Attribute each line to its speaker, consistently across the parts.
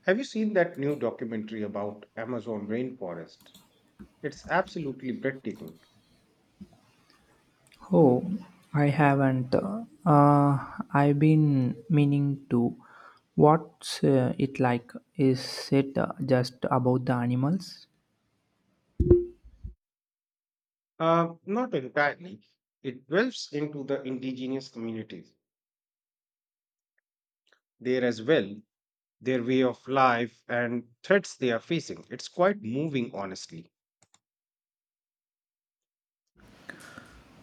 Speaker 1: Have you seen that new documentary about Amazon rainforest? It's absolutely breathtaking.
Speaker 2: Oh, I haven't. I've been meaning to. What's it like? Is it just about the animals?
Speaker 1: Not entirely. It delves into the indigenous communities there as well, their way of life, and threats they are facing. It's quite moving, honestly.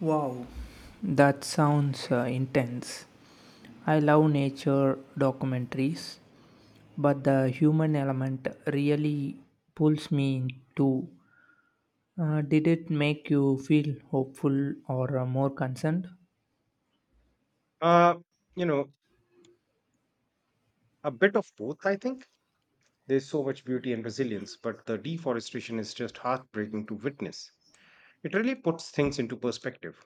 Speaker 2: Wow, that sounds intense. I love nature documentaries, but the human element really pulls me in too. Did it make you feel hopeful or more concerned?
Speaker 1: Uh, you know, a bit of both, I think. There's so much beauty and resilience, but the deforestation is just heartbreaking to witness. It really puts things into perspective.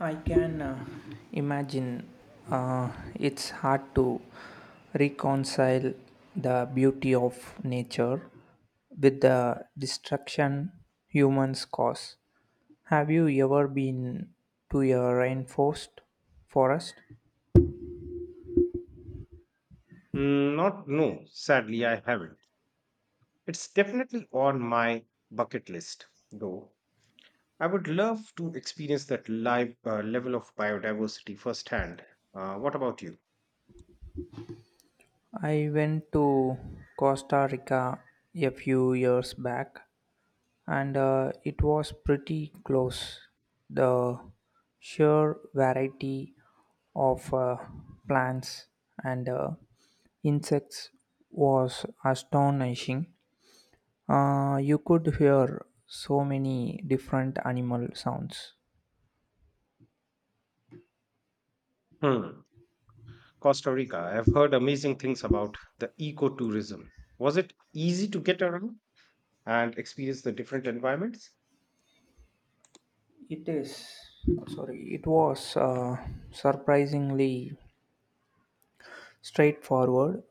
Speaker 2: I can imagine it's hard to reconcile the beauty of nature with the destruction humans cause. Have you ever been to a rainforest forest?
Speaker 1: Not no, sadly I haven't. It's definitely on my bucket list, though. I would love to experience that live level of biodiversity firsthand. What about you?
Speaker 2: I went to Costa Rica a few years back and it was pretty close. The sheer variety of plants and insects was astonishing. You could hear so many different animal sounds.
Speaker 1: Hmm. Costa Rica. I've heard amazing things about the ecotourism. Was it easy to get around and experience the different environments?
Speaker 2: It is, it was surprisingly straightforward.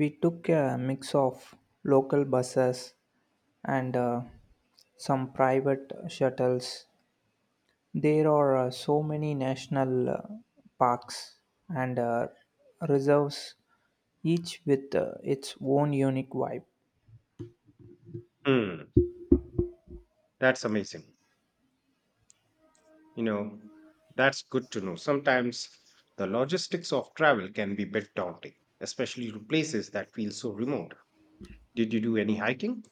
Speaker 2: We took a mix of local buses and some private shuttles. There are so many national parks and reserves, each with its own unique vibe.
Speaker 1: Hmm. That's amazing. You know, that's good to know. Sometimes the logistics of travel can be a bit daunting, especially to places that feel so remote. Did you do any hiking?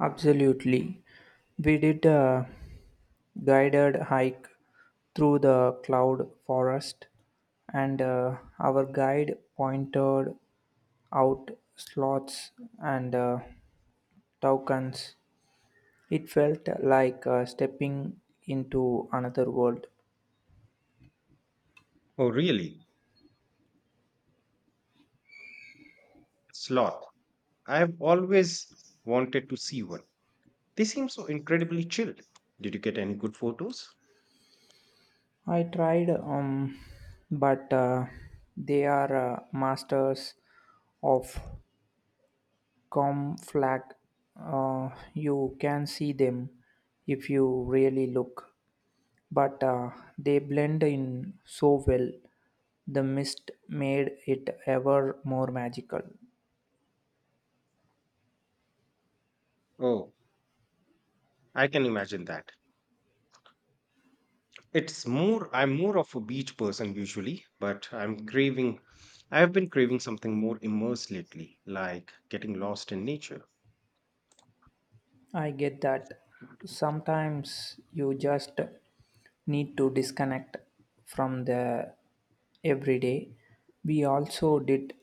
Speaker 2: Absolutely. We did a guided hike through the cloud forest, and our guide pointed out sloths and toucans. It felt like stepping into another world.
Speaker 1: Oh, really? Sloth. I have always wanted to see one. They seem so incredibly chilled. Did you get any good photos?
Speaker 2: I tried, but they are masters of com flag. Uh, you can see them if you really look, but they blend in so well. The mist made it ever more magical.
Speaker 1: Oh, I can imagine that. It's more, I'm more of a beach person usually, but I'm craving, I have been craving something more immersed lately, like getting lost in nature.
Speaker 2: I get that. Sometimes you just need to disconnect from the everyday. We also did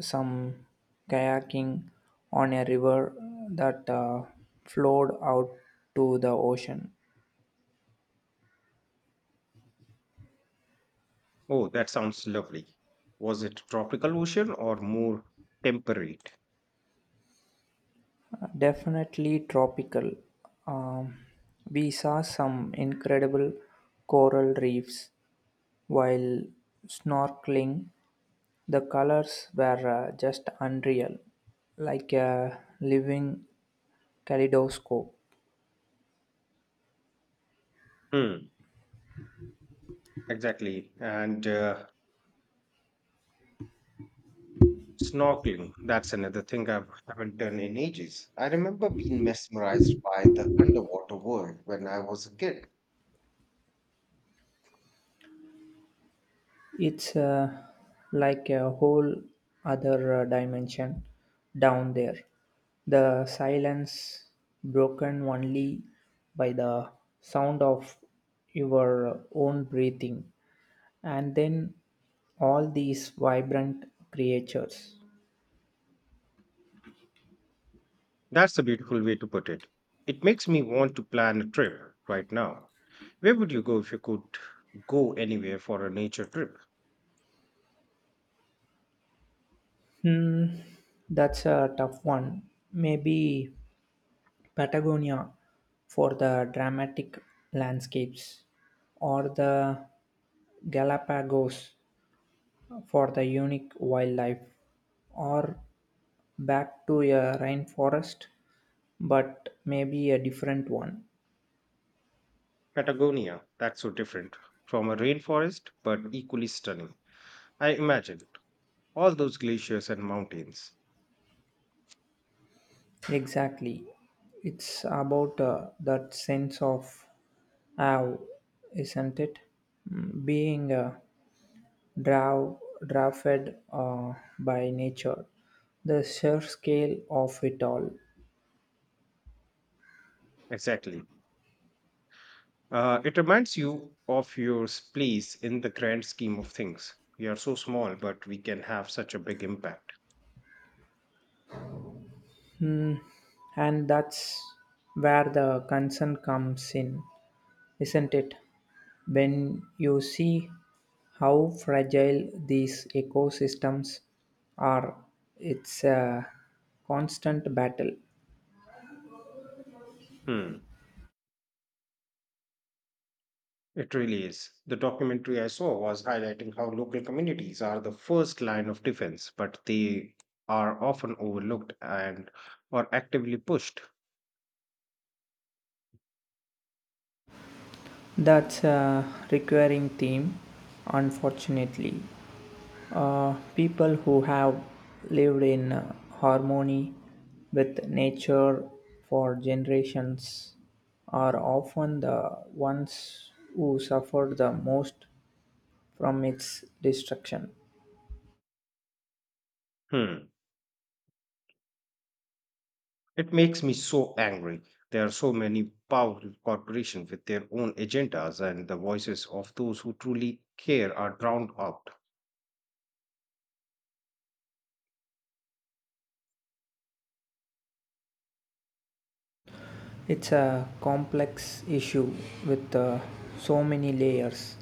Speaker 2: some kayaking on a river that flowed out to the ocean.
Speaker 1: Oh, that sounds lovely. Was it tropical ocean or more temperate?
Speaker 2: Definitely tropical. Um, we saw some incredible coral reefs while snorkeling. The colors were just unreal, like a living kaleidoscope.
Speaker 1: Hmm, exactly. And snorkeling, that's another thing I haven't done in ages. I remember being mesmerized by the underwater world when I was a kid.
Speaker 2: It's like a whole other dimension down there. The silence, broken only by the sound of your own breathing, and then all these vibrant creatures.
Speaker 1: That's a beautiful way to put it. It makes me want to plan a trip right now. Where would you go if you could go anywhere for a nature trip?
Speaker 2: Hmm, that's a tough one. Maybe Patagonia for the dramatic landscapes, or the Galapagos for the unique wildlife, or back to a rainforest, but maybe a different one.
Speaker 1: Patagonia, that's so different from a rainforest but equally stunning. I imagine all those glaciers and mountains.
Speaker 2: Exactly. It's about that sense of awe, isn't it? Mm, being draw, drafted by nature, the sheer scale of it all.
Speaker 1: Exactly. It reminds you of your place in the grand scheme of things. We are so small, but we can have such a big impact.
Speaker 2: Hmm. And that's where the concern comes in, isn't it? When you see how fragile these ecosystems are, it's a constant battle.
Speaker 1: Hmm, it really is. The documentary I saw was highlighting how local communities are the first line of defense, but they are often overlooked and are actively pushed.
Speaker 2: That's a recurring theme, unfortunately. People who have lived in harmony with nature for generations are often the ones who suffer the most from its destruction.
Speaker 1: Hmm. It makes me so angry. There are so many powerful corporations with their own agendas, and the voices of those who truly care are drowned out.
Speaker 2: It's a complex issue with so many layers.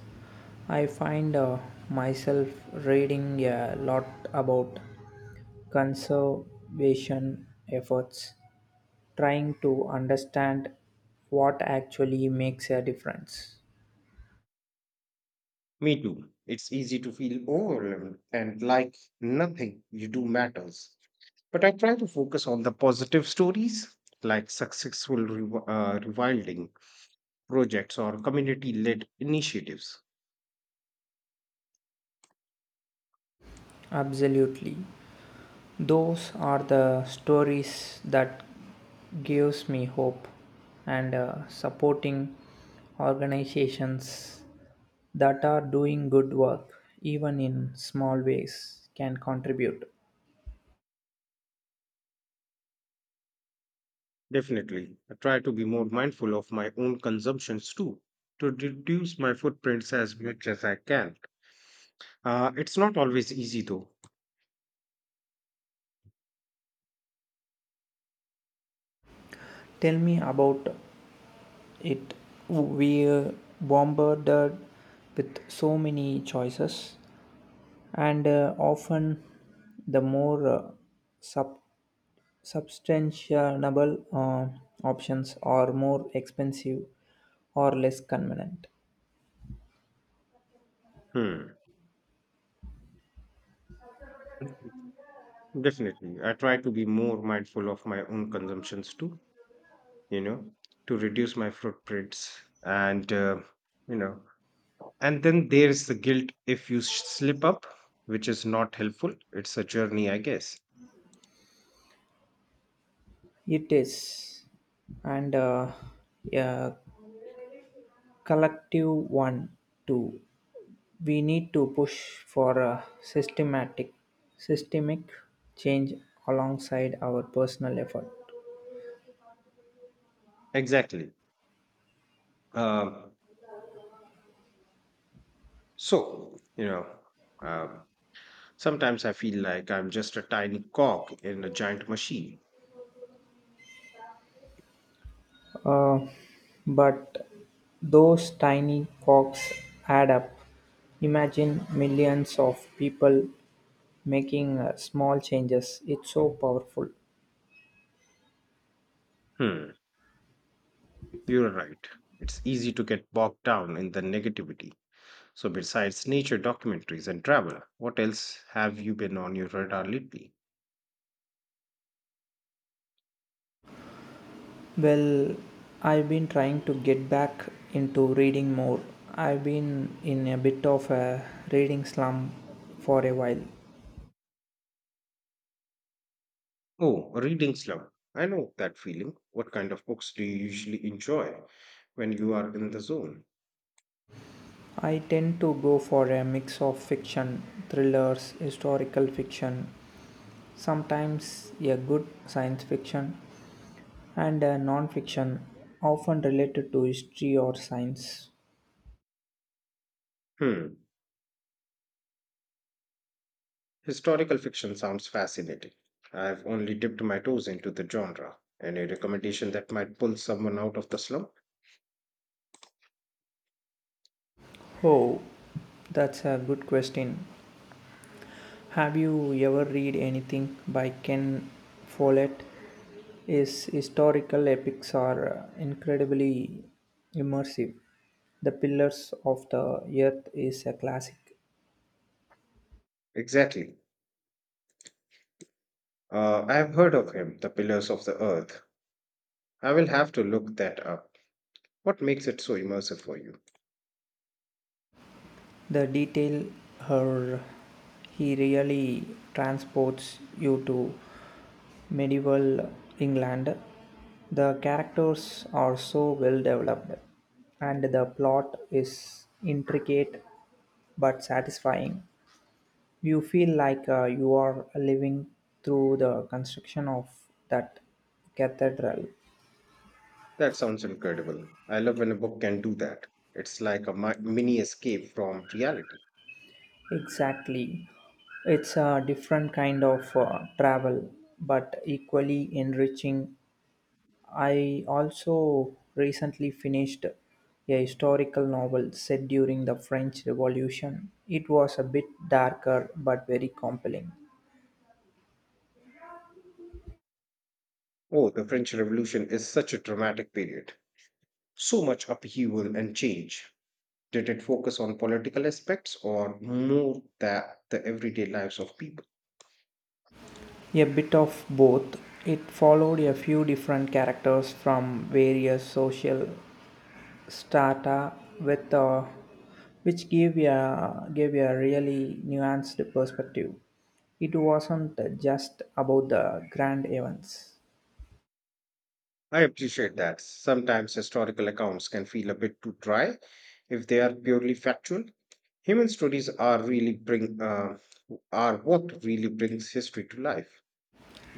Speaker 2: I find myself reading a lot about conservation efforts, trying to understand what actually makes a difference.
Speaker 1: Me too. It's easy to feel overwhelmed and like nothing you do matters. But I try to focus on the positive stories like successful rewilding projects or community led initiatives.
Speaker 2: Absolutely. Those are the stories that gives me hope, and supporting organizations that are doing good work even in small ways can contribute.
Speaker 1: Definitely, I try to be more mindful of my own consumptions too, to reduce my footprints as much as I can. It's not always easy though.
Speaker 2: Tell me about it. We are bombarded with so many choices, and often the more sub substantiable options are more expensive or less convenient.
Speaker 1: Hmm. Definitely, I try to be more mindful of my own consumptions too, you know, to reduce my footprints. And, you know, and then there's the guilt if you slip up, which is not helpful. It's a journey, I guess.
Speaker 2: It is, and a collective one too. We need to push for a systemic change alongside our personal effort.
Speaker 1: Exactly. Um, so, um, sometimes I feel like I'm just a tiny cog in a giant machine.
Speaker 2: Uh, but those tiny cogs add up. Imagine millions of people making small changes. It's so powerful.
Speaker 1: Hmm. You're right. It's easy to get bogged down in the negativity. So, besides nature documentaries and travel, what else have you been on your radar lately?
Speaker 2: Well, I've been trying to get back into reading more. I've been in a bit of a reading slump for a while.
Speaker 1: Oh, a reading slump. I know that feeling. What kind of books do you usually enjoy when you are in the zone?
Speaker 2: I tend to go for a mix of fiction, thrillers, historical fiction, sometimes a good science fiction, and non-fiction, often related to history or science.
Speaker 1: Hmm. Historical fiction sounds fascinating. I've only dipped my toes into the genre. Any recommendation that might pull someone out of the slump?
Speaker 2: Oh, that's a good question. Have you ever read anything by Ken Follett? His historical epics are incredibly immersive. The Pillars of the Earth is a classic.
Speaker 1: Exactly. I have heard of him, The Pillars of the Earth. I will have to look that up. What makes it so immersive for you?
Speaker 2: The detail, her he really transports you to medieval England. The characters are so well developed, and the plot is intricate but satisfying. You feel like you are living through the construction of that cathedral.
Speaker 1: That sounds incredible. I love when a book can do that. It's like a mini escape from reality.
Speaker 2: Exactly. It's a different kind of travel, but equally enriching. I also recently finished a historical novel set during the French Revolution. It was a bit darker but very compelling.
Speaker 1: Oh, the French Revolution is such a dramatic period. So much upheaval and change. Did it focus on political aspects or more the everyday lives of people?
Speaker 2: A bit of both. It followed a few different characters from various social strata, with which gave a really nuanced perspective. It wasn't just about the grand events.
Speaker 1: I appreciate that. Sometimes historical accounts can feel a bit too dry if they are purely factual. Human stories are really bring are what really brings history to life.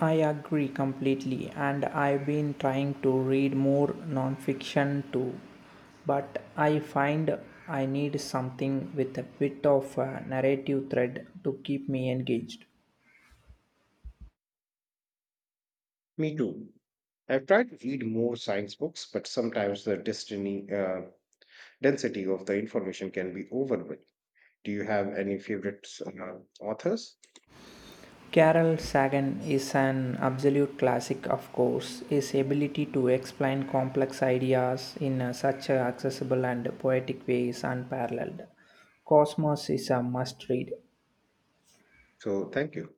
Speaker 2: I agree completely, and I've been trying to read more nonfiction too, but I find I need something with a bit of a narrative thread to keep me engaged.
Speaker 1: Me too. I've tried to read more science books, but sometimes the density of the information can be overwhelming. Do you have any favorite authors?
Speaker 2: Carol Sagan is an absolute classic, of course. His ability to explain complex ideas in such a accessible and poetic way is unparalleled. Cosmos is a must read.
Speaker 1: So, thank you.